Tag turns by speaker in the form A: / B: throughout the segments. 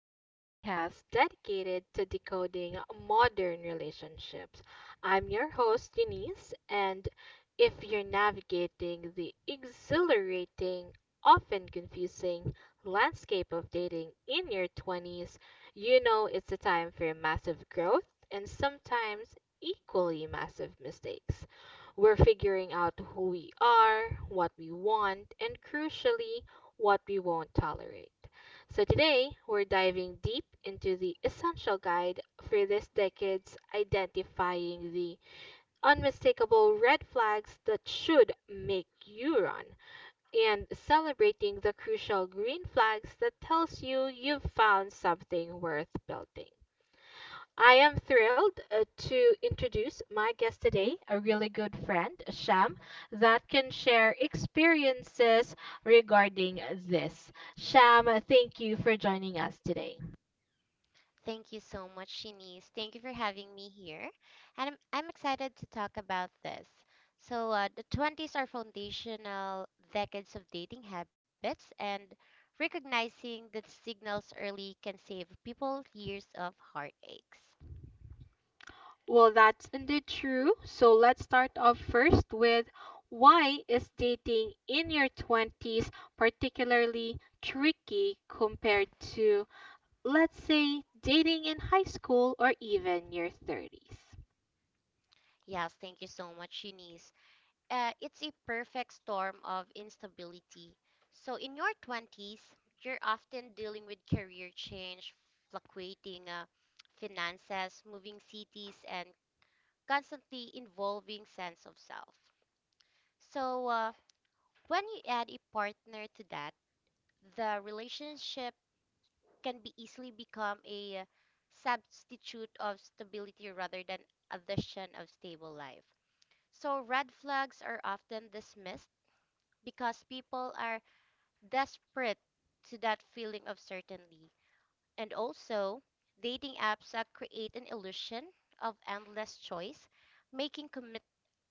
A: the podcast dedicated to decoding modern relationships. I'm your host, Eunice, and if you're navigating the exhilarating, often confusing landscape of dating in your 20s, you know it's a time for massive growth and sometimes equally massive mistakes. We're figuring out who we are, what we want, and crucially, what we won't tolerate. So today, we're diving deep into the essential guide for this decade's identifying the unmistakable red flags that should make you run and celebrating the crucial green flags that tells you you've found something worth building. I am thrilled to introduce my guest today, a really good friend, Sham, that can share experiences regarding this. Sham, thank you for joining us today.
B: Thank you so much, Shanice. Thank you for having me here. And I'm excited to talk about this. So, the 20s are foundational decades of dating habits, and recognizing the signals early can save people years of heartaches.
A: Well, that's indeed true. So let's start off first with why is dating in your 20s particularly tricky compared to, let's say, dating in high school or even your 30s?
B: Yes, thank you so much, Eunice. It's a perfect storm of instability. So, in your 20s, you're often dealing with career change, fluctuating finances, moving cities, and constantly involving sense of self. So when you add a partner to that, the relationship can be easily become a substitute of stability rather than addition of stable life. So red flags are often dismissed because people are desperate to that feeling of certainty. And also, dating apps create an illusion of endless choice, making commitment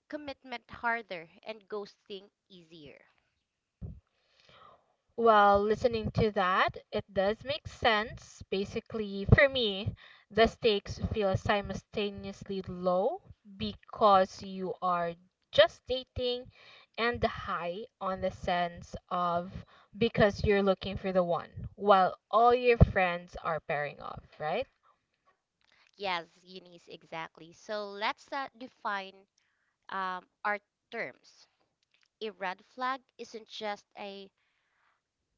B: commitment harder and ghosting easier.
A: Well, listening to that, it does make sense. Basically, for me, the stakes feel simultaneously low because you are just dating and high on the sense of because you're looking for the one, while all your friends are pairing off, right?
B: Yes, Eunice, exactly. So let's define our terms. A red flag isn't just a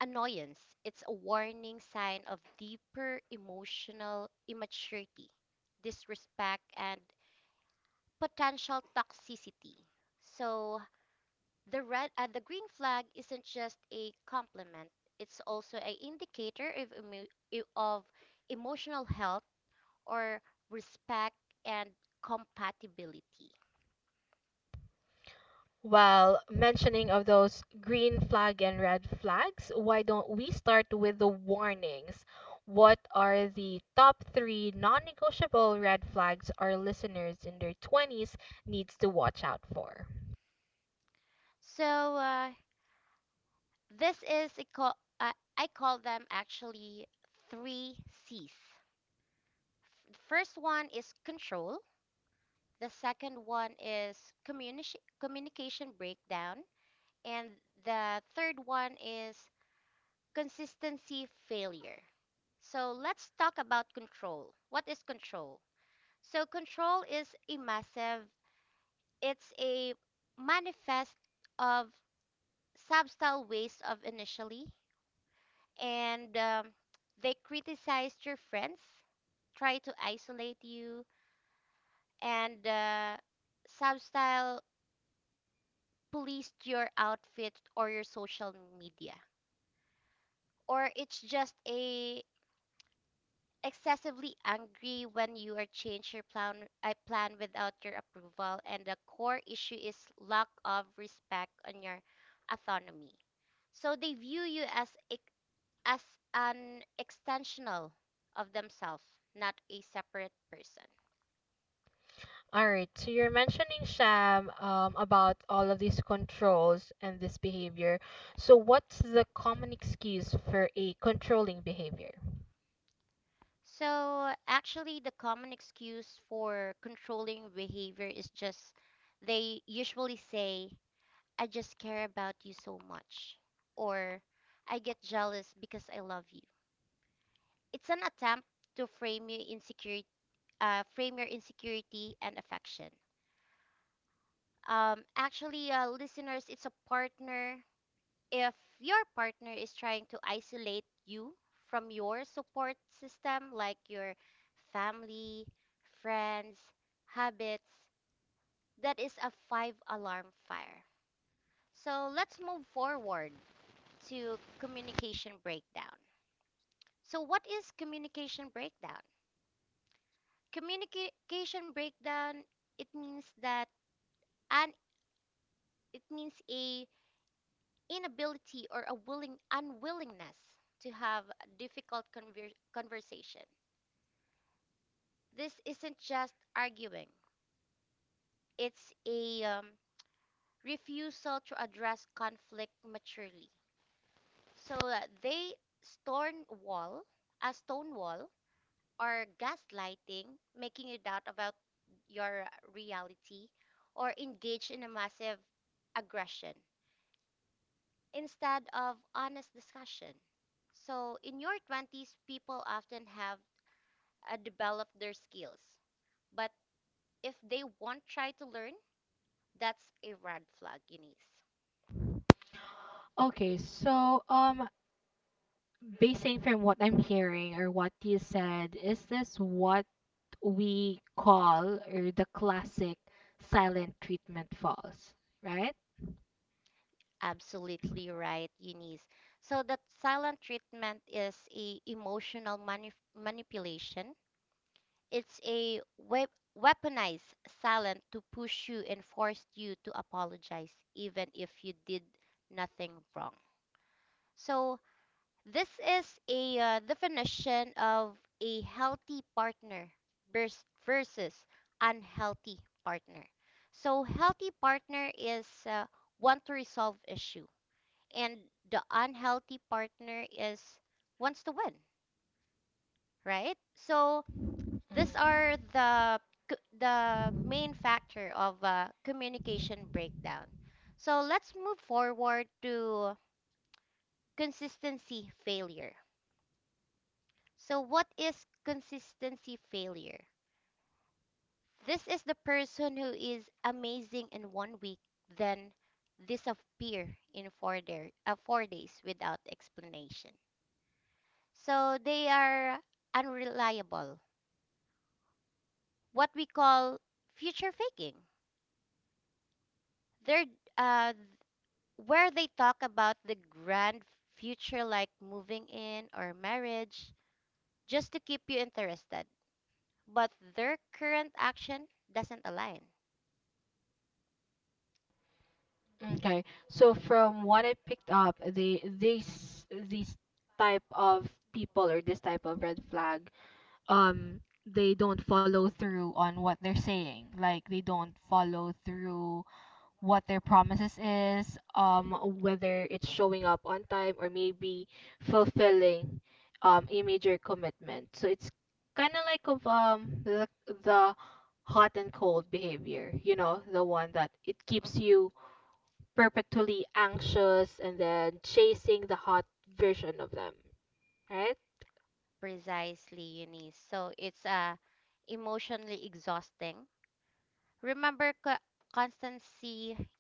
B: annoyance, it's a warning sign of deeper emotional immaturity, disrespect, and potential toxicity. So the green flag isn't just a compliment; it's also an indicator of, emotional health or respect and compatibility.
A: While mentioning of those green flag and red flags, why don't we start with the warnings? What are the top three non-negotiable red flags our listeners in their 20s needs to watch out for?
B: So this is a I call them actually three C's. The first one is control. The second one is communi- communication breakdown, and the third one is consistency failure. So let's talk about control. What is control? So control is a massive. It's a manifest of subtle ways of initially, and they criticized your friends, try to isolate you, and substyle policed your outfit or your social media. Or it's just a excessively angry when you are change your plan without your approval, and the core issue is lack of respect on your autonomy. So they view you as an extensional of themselves, not a separate person.
A: All right, so you're mentioning, Sham, about all of these controls and this behavior. So what's the common excuse for a controlling behavior?
B: So actually the common excuse for controlling behavior is just they usually say I just care about you so much, or I get jealous because I love you. It's an attempt to frame your insecurity and affection. Actually, listeners, it's a partner if your partner is trying to isolate you from your support system, like your family, friends, habits, that is a five alarm fire. So let's move forward to communication breakdown. So, what is communication breakdown? Communication breakdown, it means that an it means a inability or a willing unwillingness to have conversation. This isn't just arguing, it's a refusal to address conflict maturely. So they stone wall, stone wall, or gaslighting, making you doubt about your reality, or engage in a massive aggression instead of honest discussion. So in your 20s, people often have developed their skills, but if they won't try to learn, that's a red flag, Eunice.
A: Okay, so basing from what I'm hearing or what you said, is this what we call or the classic silent treatment falls, right?
B: Absolutely right, Eunice. So that silent treatment is a emotional manif manipulation. It's a wep weaponized silent to push you and force you to apologize, even if you did nothing wrong. So this is a definition of a healthy partner versus unhealthy partner. So, healthy partner is want to resolve issue, and the unhealthy partner is wants to win, right? So,
A: Mhm.
B: these are the the main factor of communication breakdown. So, let's move forward to consistency failure. So, what is consistency failure? This is the person who is amazing in 1 week, then disappear in 4 days without explanation. So, they are unreliable, what we call future faking. They're uh, where they talk about the grand future, like moving in or marriage, just to keep you interested, but their current action doesn't align.
A: Okay. So from what I picked up, they these type of people or this type of red flag, um, they don't follow through on what they're saying. Like they don't follow through what their promises is, whether it's showing up on time or maybe fulfilling a major commitment. So it's kind of like of the hot and cold behavior, you know, the one that it keeps
B: Mhm.
A: you perpetually anxious and then chasing the hot version of them, right?
B: Precisely, Eunice. So it's emotionally exhausting. Remember, constancy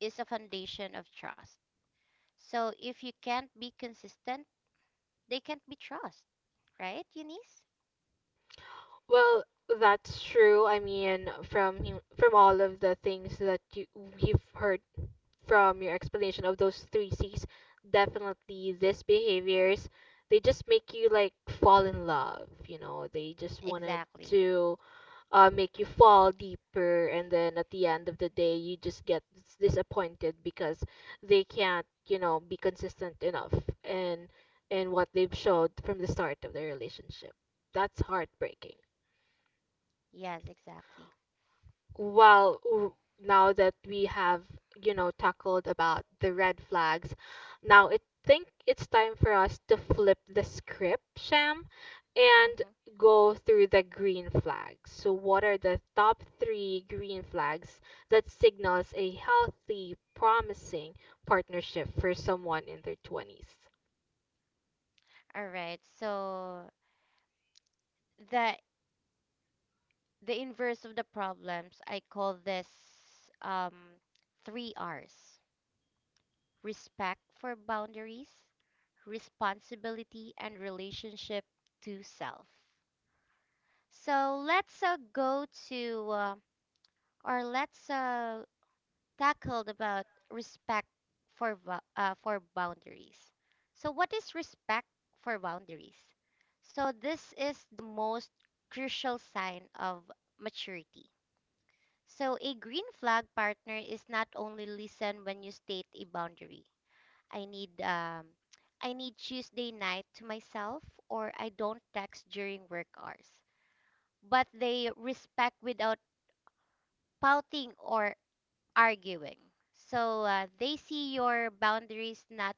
B: is a foundation of trust. So if you can't be consistent, they can't be trust, right, Eunice?
A: Well, that's true. I mean, from all of the things that you've heard from your explanation of those three C's, definitely these behaviors, they just make you like fall in love, you know, they just wanted
B: Exactly.
A: to make you fall deeper, and then at the end of the day, you just disappointed because they can't, you know, be consistent enough and and what they've showed from the start of their relationship. That's heartbreaking.
B: Yes, exactly.
A: Well, now that we have, you know, tackled about the red flags, now I think it's time for us to flip the script, Sham, and
B: Hmm.
A: go through the green flags. So, what are the top three green flags that signals a healthy, promising partnership for someone in their 20s?
B: All right. So the the inverse of the problems, I call this um, three R's: respect for boundaries, responsibility, and relationship to self. So let's go to or let's tackle about respect for boundaries. So what is respect for boundaries? So this is the most crucial sign of maturity. So a green flag partner is not only listen when you state a boundary. I need um I need Tuesday night to myself, or I don't text during work hours. But they respect without pouting or arguing. So they see your boundaries not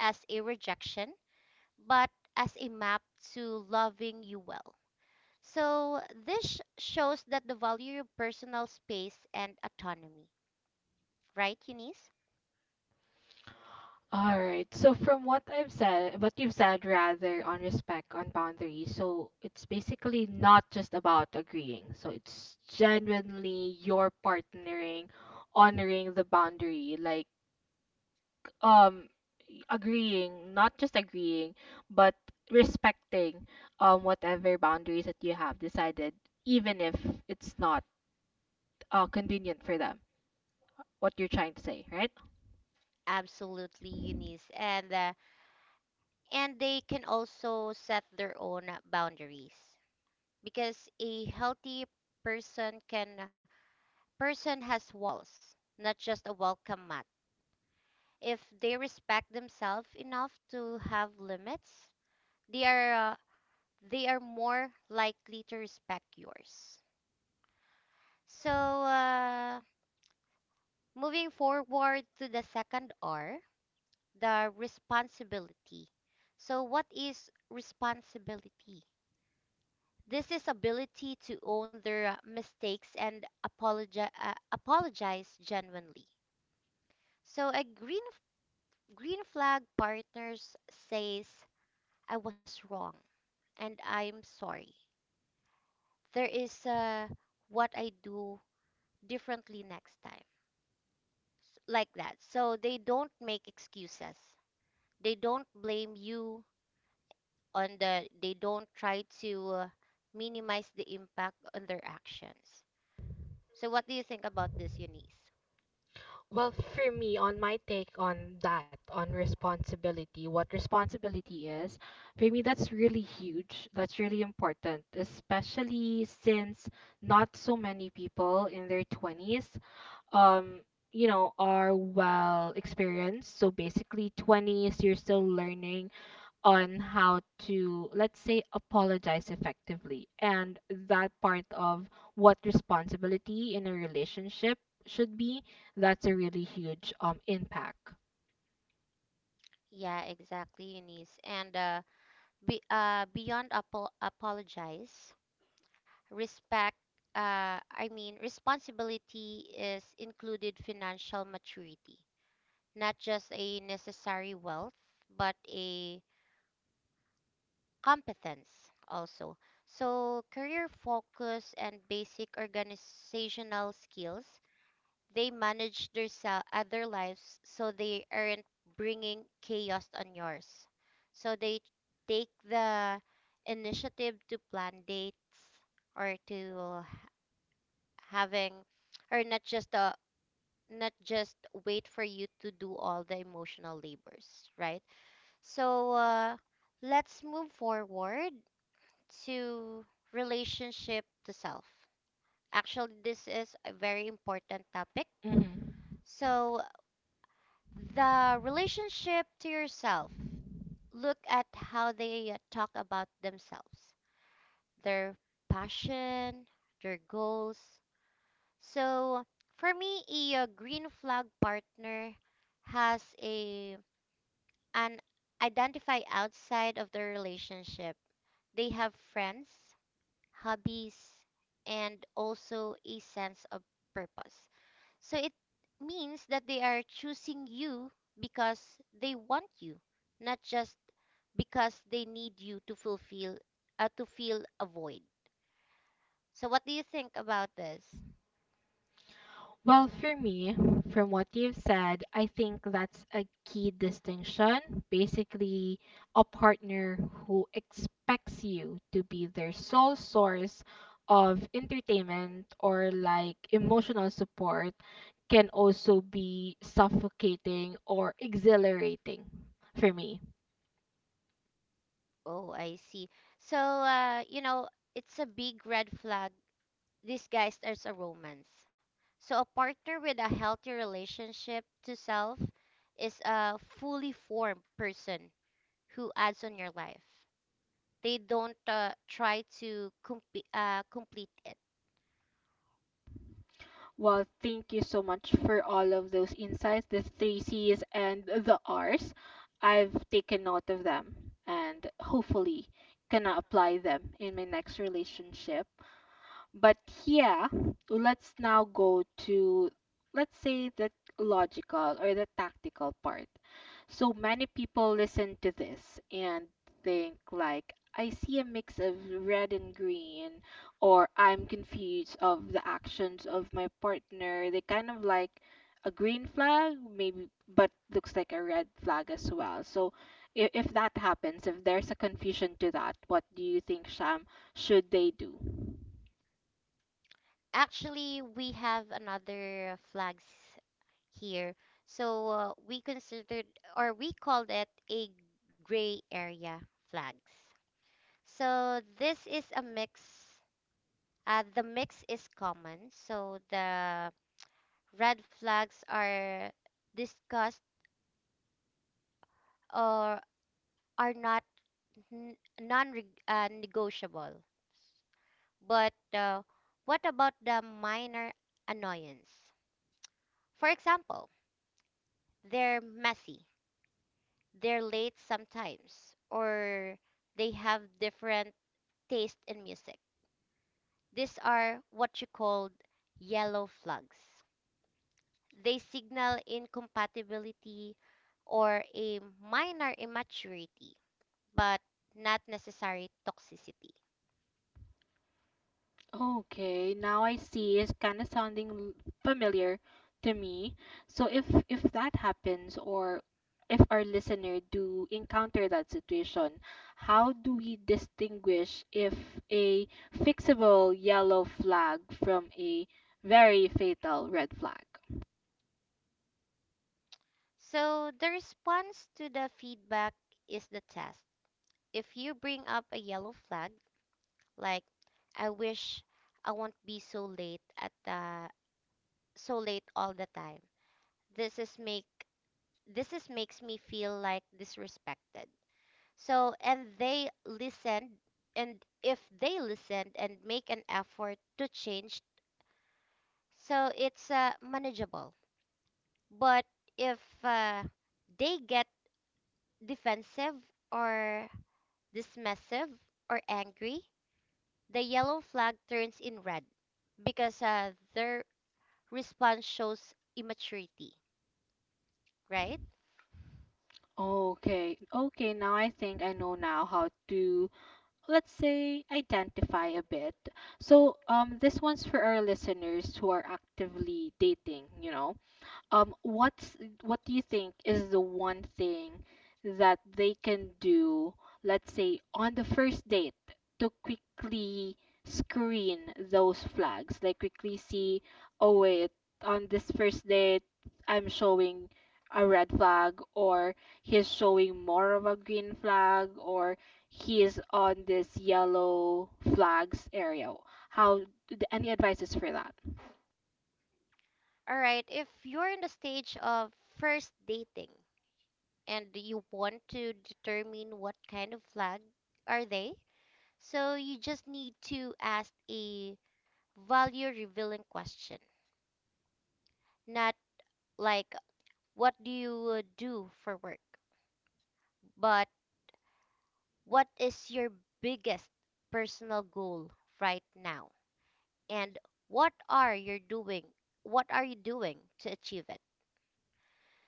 B: as a rejection, but as a map to loving you well. So this shows that the value your personal space and autonomy, right, Eunice?
A: All right. So from what I've said, what you've said rather on respect, on boundaries, so it's basically not just about agreeing. So it's genuinely your partnering, honoring the boundary, like um agreeing, not just agreeing, but respecting whatever boundaries that you have decided, even if it's not convenient for them. What you're trying to say, right?
B: Absolutely, Eunice. And they can also set their own boundaries because a healthy person can person has walls, not just a welcome mat. If they respect themselves enough to have limits, they are uh, they are more likely to respect yours. So moving forward to the second R, the responsibility. So what is responsibility? This is ability to own their mistakes and apologize genuinely. So a green flag partners says I was wrong and I'm sorry. There is what I do differently next time. Like that. So they don't make excuses. They don't blame you on the they don't try to minimize the impact on their actions. So what do you think about this, Eunice?
A: Well, for me, on my take on that, on responsibility, what responsibility is, for me, that's really huge. That's really important, especially since not so many people in their 20s, um, you know, are well experienced. So basically, 20s, you're still learning on how to, let's say, apologize effectively. And that part of what responsibility in a relationship should be, that's a really huge impact.
B: Yeah, exactly, Eunice. And beyond apologize, respect, I mean, responsibility is included financial maturity, not just a necessary wealth, but a competence also. So, career focus and basic organizational skills. They manage their their lives so they aren't bringing chaos on yours. So they take the initiative to plan dates, or to having or not just not just wait for you to do all the emotional labors, right? So let's move forward to relationship to self. Actually, this is a very important topic.
A: hmm
B: So the relationship to yourself. Look at how they talk about themselves, their passion, their goals. So, for me, a green flag partner has a an identify outside of the relationship. They have friends, hobbies, and also a sense of purpose. So it means that they are choosing you because they want you, not just because they need you to fulfill to fill a void. So what do you think about this?
A: Well, for me, from what you've said, I think that's a key distinction. Basically, a partner who expects you to be their sole source of entertainment or like emotional support can also be suffocating or exhilarating for me.
B: Oh, I see. So you know, it's a big red flag disguised as a romance. So a partner with a healthy relationship to self is a fully formed person who adds on your life. They don't complete it.
A: Well, thank you so much for all of those insights, the three C's and the R's. I've taken note of them and hopefully can apply them in my next relationship. But yeah, let's now go to let's say the logical or the tactical part. So many people listen to this and think like I see a mix of red and green or I'm confused of the actions of my partner. They kind of like a green flag maybe but looks like a red flag as well. So if that happens, if there's a confusion to that, what do you think, Sham, should they do?
B: Actually, we have another flags here. So we considered or we called it a gray area flags. So this is a mix. The mix is common. So the red flags are discussed, or are not n- non-negotiable. But what about the minor annoyance? For example, they're messy, they're late sometimes, or they have different taste in music. These are what you called yellow flags. They signal incompatibility or a minor immaturity, but not necessary toxicity.
A: Okay, now I see. It's kind of sounding familiar to me. So if that happens or if our listener do encounter that situation, how do we distinguish if a fixable yellow flag from a very fatal red flag?
B: So the response to the feedback is the test. If you bring up a yellow flag, like I wish I won't be so late at the so late all the time. This is make this is makes me feel like disrespected. So and they listened, and if they listened and make an effort to change, so it's manageable. But if uh, they get defensive or dismissive or angry, the yellow flag turns in red, because are response shows immaturity, right?
A: Okay, okay, now I think I know now how to let's say identify a bit. So this one's for our listeners who are actively dating, you know what's what do you think is the one thing that they can do let's say on the first date to quickly screen those flags like quickly see oh wait on this first date I'm showing a red flag or he's showing more of a green flag or he is on this yellow flags area how any advices for that.
B: All right, if you're in the stage of first dating and you want to determine what kind of flag are they, so you just need to ask a value revealing question, not like what do you do for work, but what is your biggest personal goal right now, and what are you doing? what are you doing to achieve it?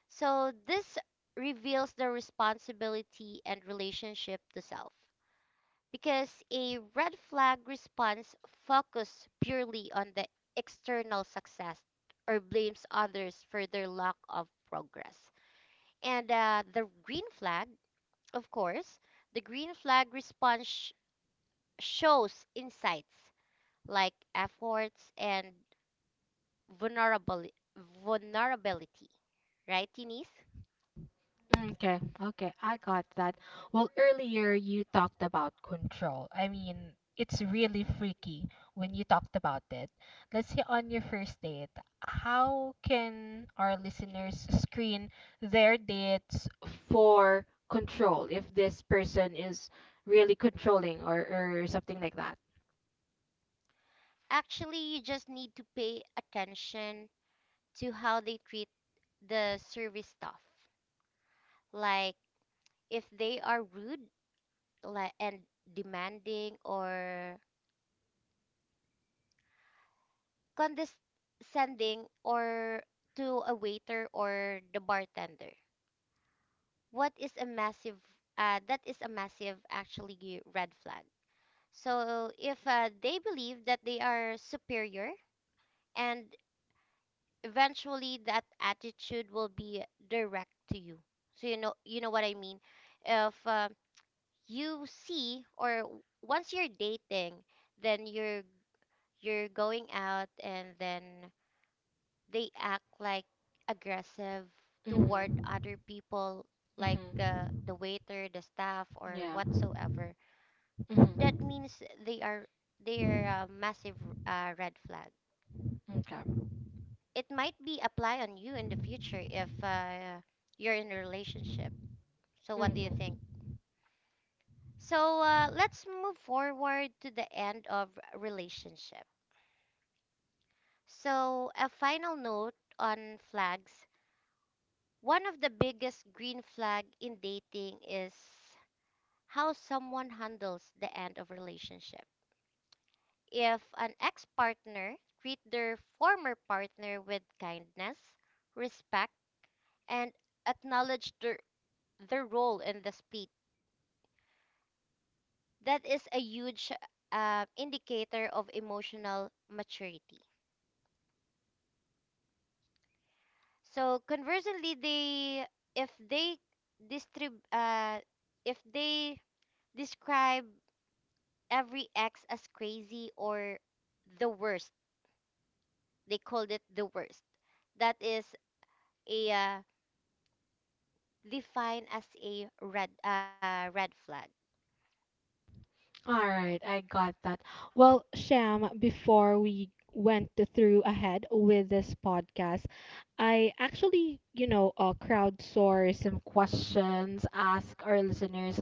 B: So this reveals the responsibility and relationship to self, because a red flag response focuses purely on the external success or blames others for their lack of progress. And the green flag, of course, the green flag response shows insights like efforts and vulnerabili- vulnerability, right, Denise?
A: Okay, okay, I got that. Well, earlier you talked about control. I mean, it's really freaky when you talked about it. Let's say on your first date, how can our listeners screen their dates for control if this person is really controlling or something like that?
B: Actually, you just need to pay attention to how they treat the service staff. Like if they are rude and demanding or condescending or to a waiter or the bartender. What is a massive That is a massive actually red flag. So if they believe that they are superior, and eventually that attitude will be direct to you. So you know, you know what I mean, if you see once you're dating, then you're going out, and then they act like aggressive toward
A: Mm-hmm.
B: other people, like
A: Mm-hmm.
B: the waiter, the staff, or
A: Yeah.
B: whatsoever. That
A: Mm-hmm.
B: means they are they are a massive red flag.
A: Okay.
B: It might be apply on you in the future if you're in a relationship. So what do you think?
A: Mm-hmm.
B: Let's move forward to the end of relationship. So a final note on flags. One of the biggest green flag in dating is how someone handles the end of relationship. If an ex-partner treat their former partner with kindness, respect, and acknowledge their role in the split, that is a huge indicator of emotional maturity. So conversely, they if they distrib if they describe every ex as crazy or the worst, they called it the worst. That is a defined as a red flag.
A: All right, I got that. Well, Sham, before we through ahead with this podcast, I actually, you know, crowdsource some questions, ask our listeners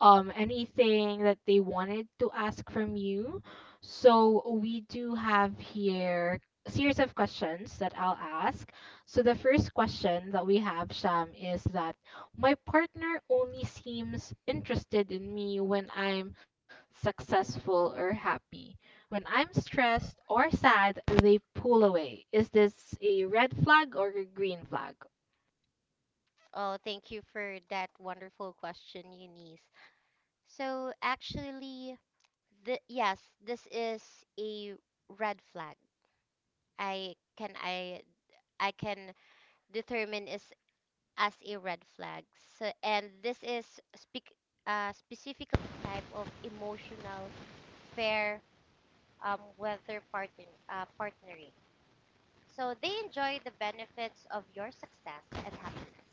A: anything that they wanted to ask from you. So we do have here series of questions that I'll ask. So the first question that we have, Sham, is that my partner only seems interested in me when I'm successful or happy. When I'm stressed or sad, they pull away. Is this a red flag or a green flag?
B: Oh, thank you for that wonderful question, Eunice. So actually, yes, this is a red flag. I I can determine is as a red flag. So, and this is speak specifically type of emotional fair weather partner partnering. So they enjoy the benefits of your success and happiness,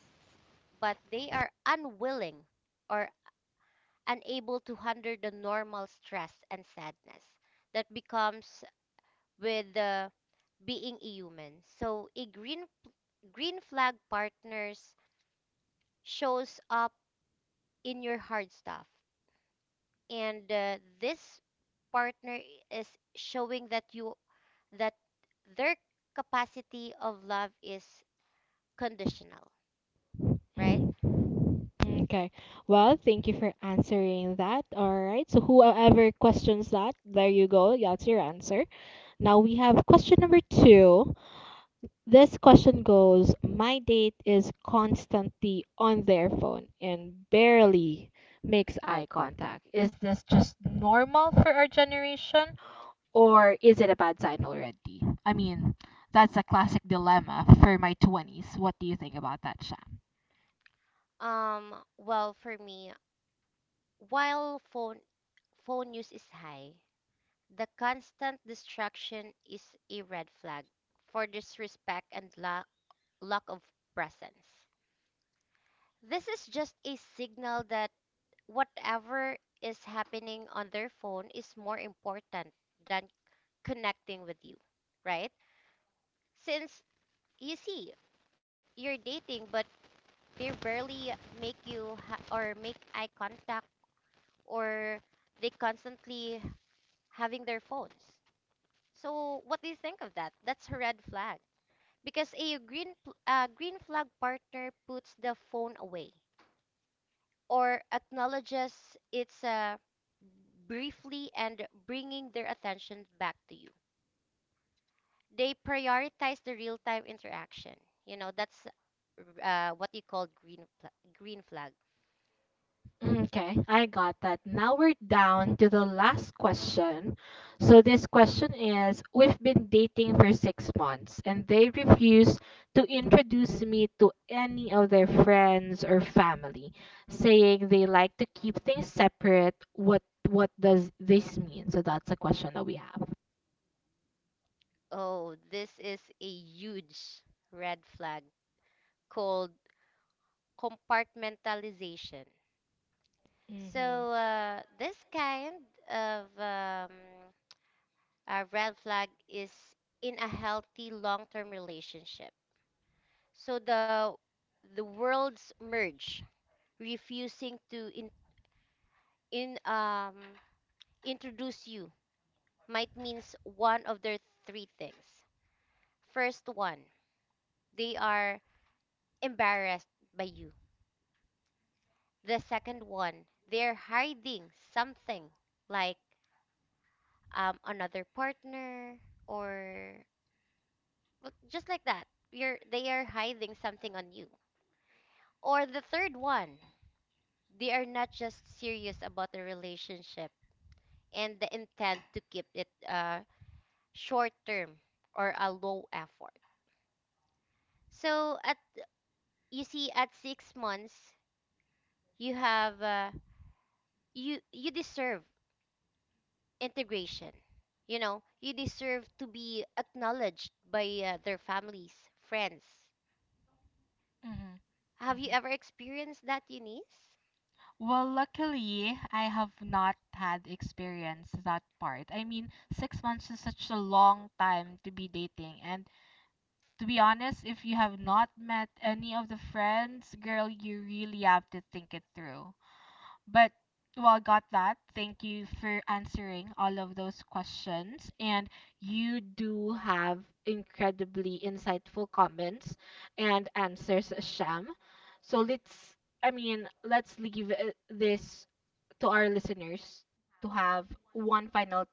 B: but they are unwilling or unable to handle the normal stress and sadness that becomes with the being a human. So a green flag partners shows up in your hard stuff, and this partner is showing that you that their capacity of love is conditional, right?
A: Mm. Okay. Well, thank you for answering that. All right. So whoever questions that, there you go. That's your answer. Now we have question number two. This question goes, my date is constantly on their phone and barely makes eye contact. Is this just normal for our generation? Or is it a bad sign already? I mean, that's a classic dilemma for my 20s. What do you think about that, Sham?
B: Well, for me, while phone use is high, the constant distraction is a red flag for disrespect and lack of presence. This is just a signal that whatever is happening on their phone is more important than connecting with you, right? Since you see, you're dating, but they barely or make eye contact, or they constantly having their phones. So, what do you think of that? That's a red flag because a green flag partner puts the phone away or acknowledges its briefly and bringing their attention back to you. They prioritize the real-time interaction. You know, that's What you call green flag.
A: Okay, I got that. Now we're down to the last question. So this question is, we've been dating for 6 months and they refuse to introduce me to any of their friends or family, saying they like to keep things separate. What does this mean? So that's a question that we have.
B: Oh, this is a huge red flag called compartmentalization.
A: Mm-hmm.
B: This kind of a red flag is in a healthy long-term relationship. So the worlds merge, refusing to in introduce you might means one of their three things. First one, they are embarrassed by you. The second one, they're hiding something like another partner or just like that. You're they are hiding something on you. Or the third one, they are not just serious about the relationship and the intent to keep it short term or a low effort. So at you see at 6 months you have you deserve integration. You know, you deserve to be acknowledged by their families, friends.
A: Mm-hmm.
B: Have you ever experienced that, Eunice?
A: Well, luckily, I have not had experience that part. I mean, 6 months is such a long time to be dating. And to be honest, if you have not met any of the friends, girl, you really have to think it through. But, well, got that. Thank you for answering all of those questions. And you do have incredibly insightful comments and answers, Sham. So let's I mean, let's leave this to our listeners to have one final take.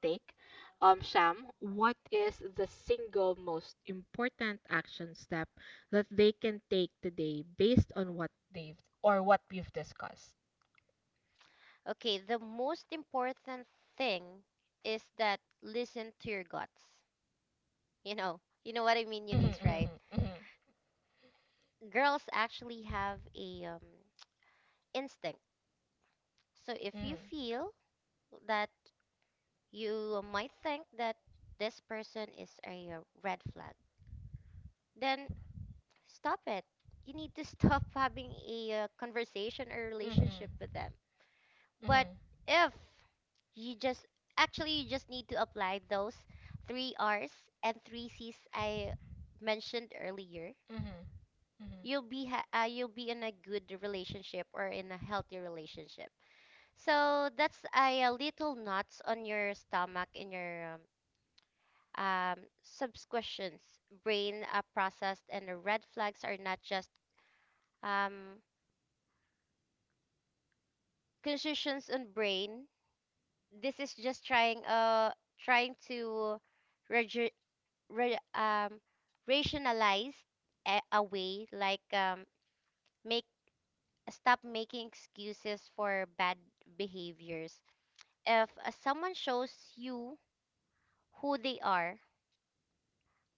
A: Sham, what is the single most important action step that they can take today based on what they've or what we've discussed?
B: Okay, the most important thing is that listen to your guts. You know, you know what I mean, Eunice, right?
A: Mhm, mhm,
B: Girls actually have a instinct, so if you
A: mhm,
B: feel that you might think that this person is a red flag. Then stop it. You need to stop having a conversation or
A: mhm,
B: relationship with them.
A: mhm,
B: But if you just actually you just need to apply those three R's and three C's I mentioned earlier,
A: mhm, mhm.
B: you'll be in a good relationship or in a healthy relationship. So that's a, little knots on your stomach in your um, subscriptions, brain processed, and the red flags are not just um, conclusions on brain. This is just trying to regi- re- um, rationalize a way like make stop making excuses for bad behaviors. If someone shows you who they are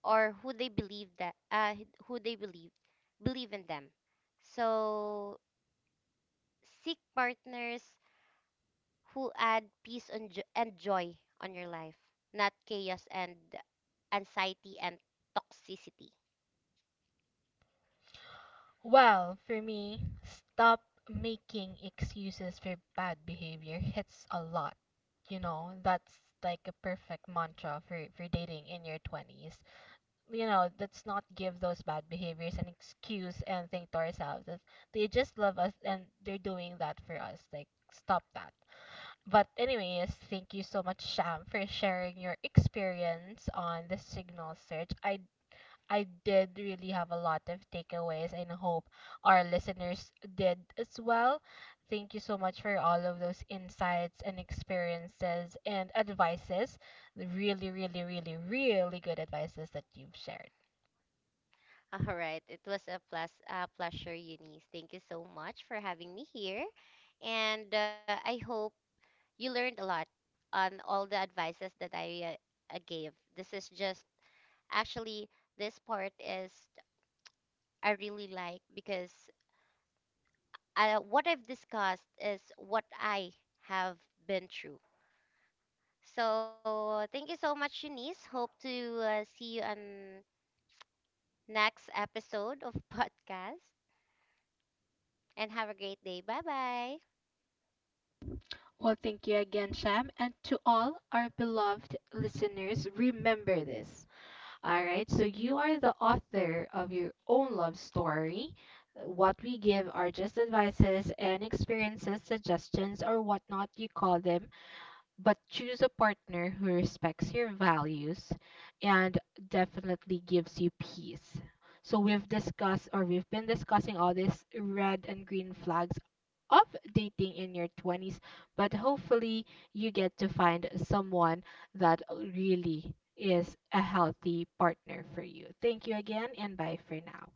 B: or who they believe that who they believe in them. So seek partners who add peace and joy on your life, not chaos and anxiety and toxicity.
A: Well, for me, stop making excuses for bad behavior hits a lot. You know, that's like a perfect mantra for dating in your 20s. You know, let's not give those bad behaviors an excuse and think to ourselves that they just love us and they're doing that for us. Like, stop that. But, anyways, thank you so much, Sham, for sharing your experience on the signal search. I did really have a lot of takeaways and hope our listeners did as well. Thank you so much for all of those insights and experiences and advices, really, really, really, really good advices that you've shared.
B: All right, it was a pleasure, Eunice. Thank you so much for having me here, and I hope you learned a lot on all the advices that I gave. This is just actually this part is I really like because what I've discussed is what I have been through. So thank you so much, Shanice. Hope to see you on next episode of podcast and have a great day. Bye bye.
A: Well, thank you again, Sham. And to all our beloved listeners, remember this. All right. So you are the author of your own love story. What we give are just advices and experiences, suggestions, or whatnot you call them, but choose a partner who respects your values and definitely gives you peace. So we've discussed or we've been discussing all these red and green flags of dating in your 20s, but hopefully you get to find someone that really is a healthy partner for you. Thank you again and bye for now.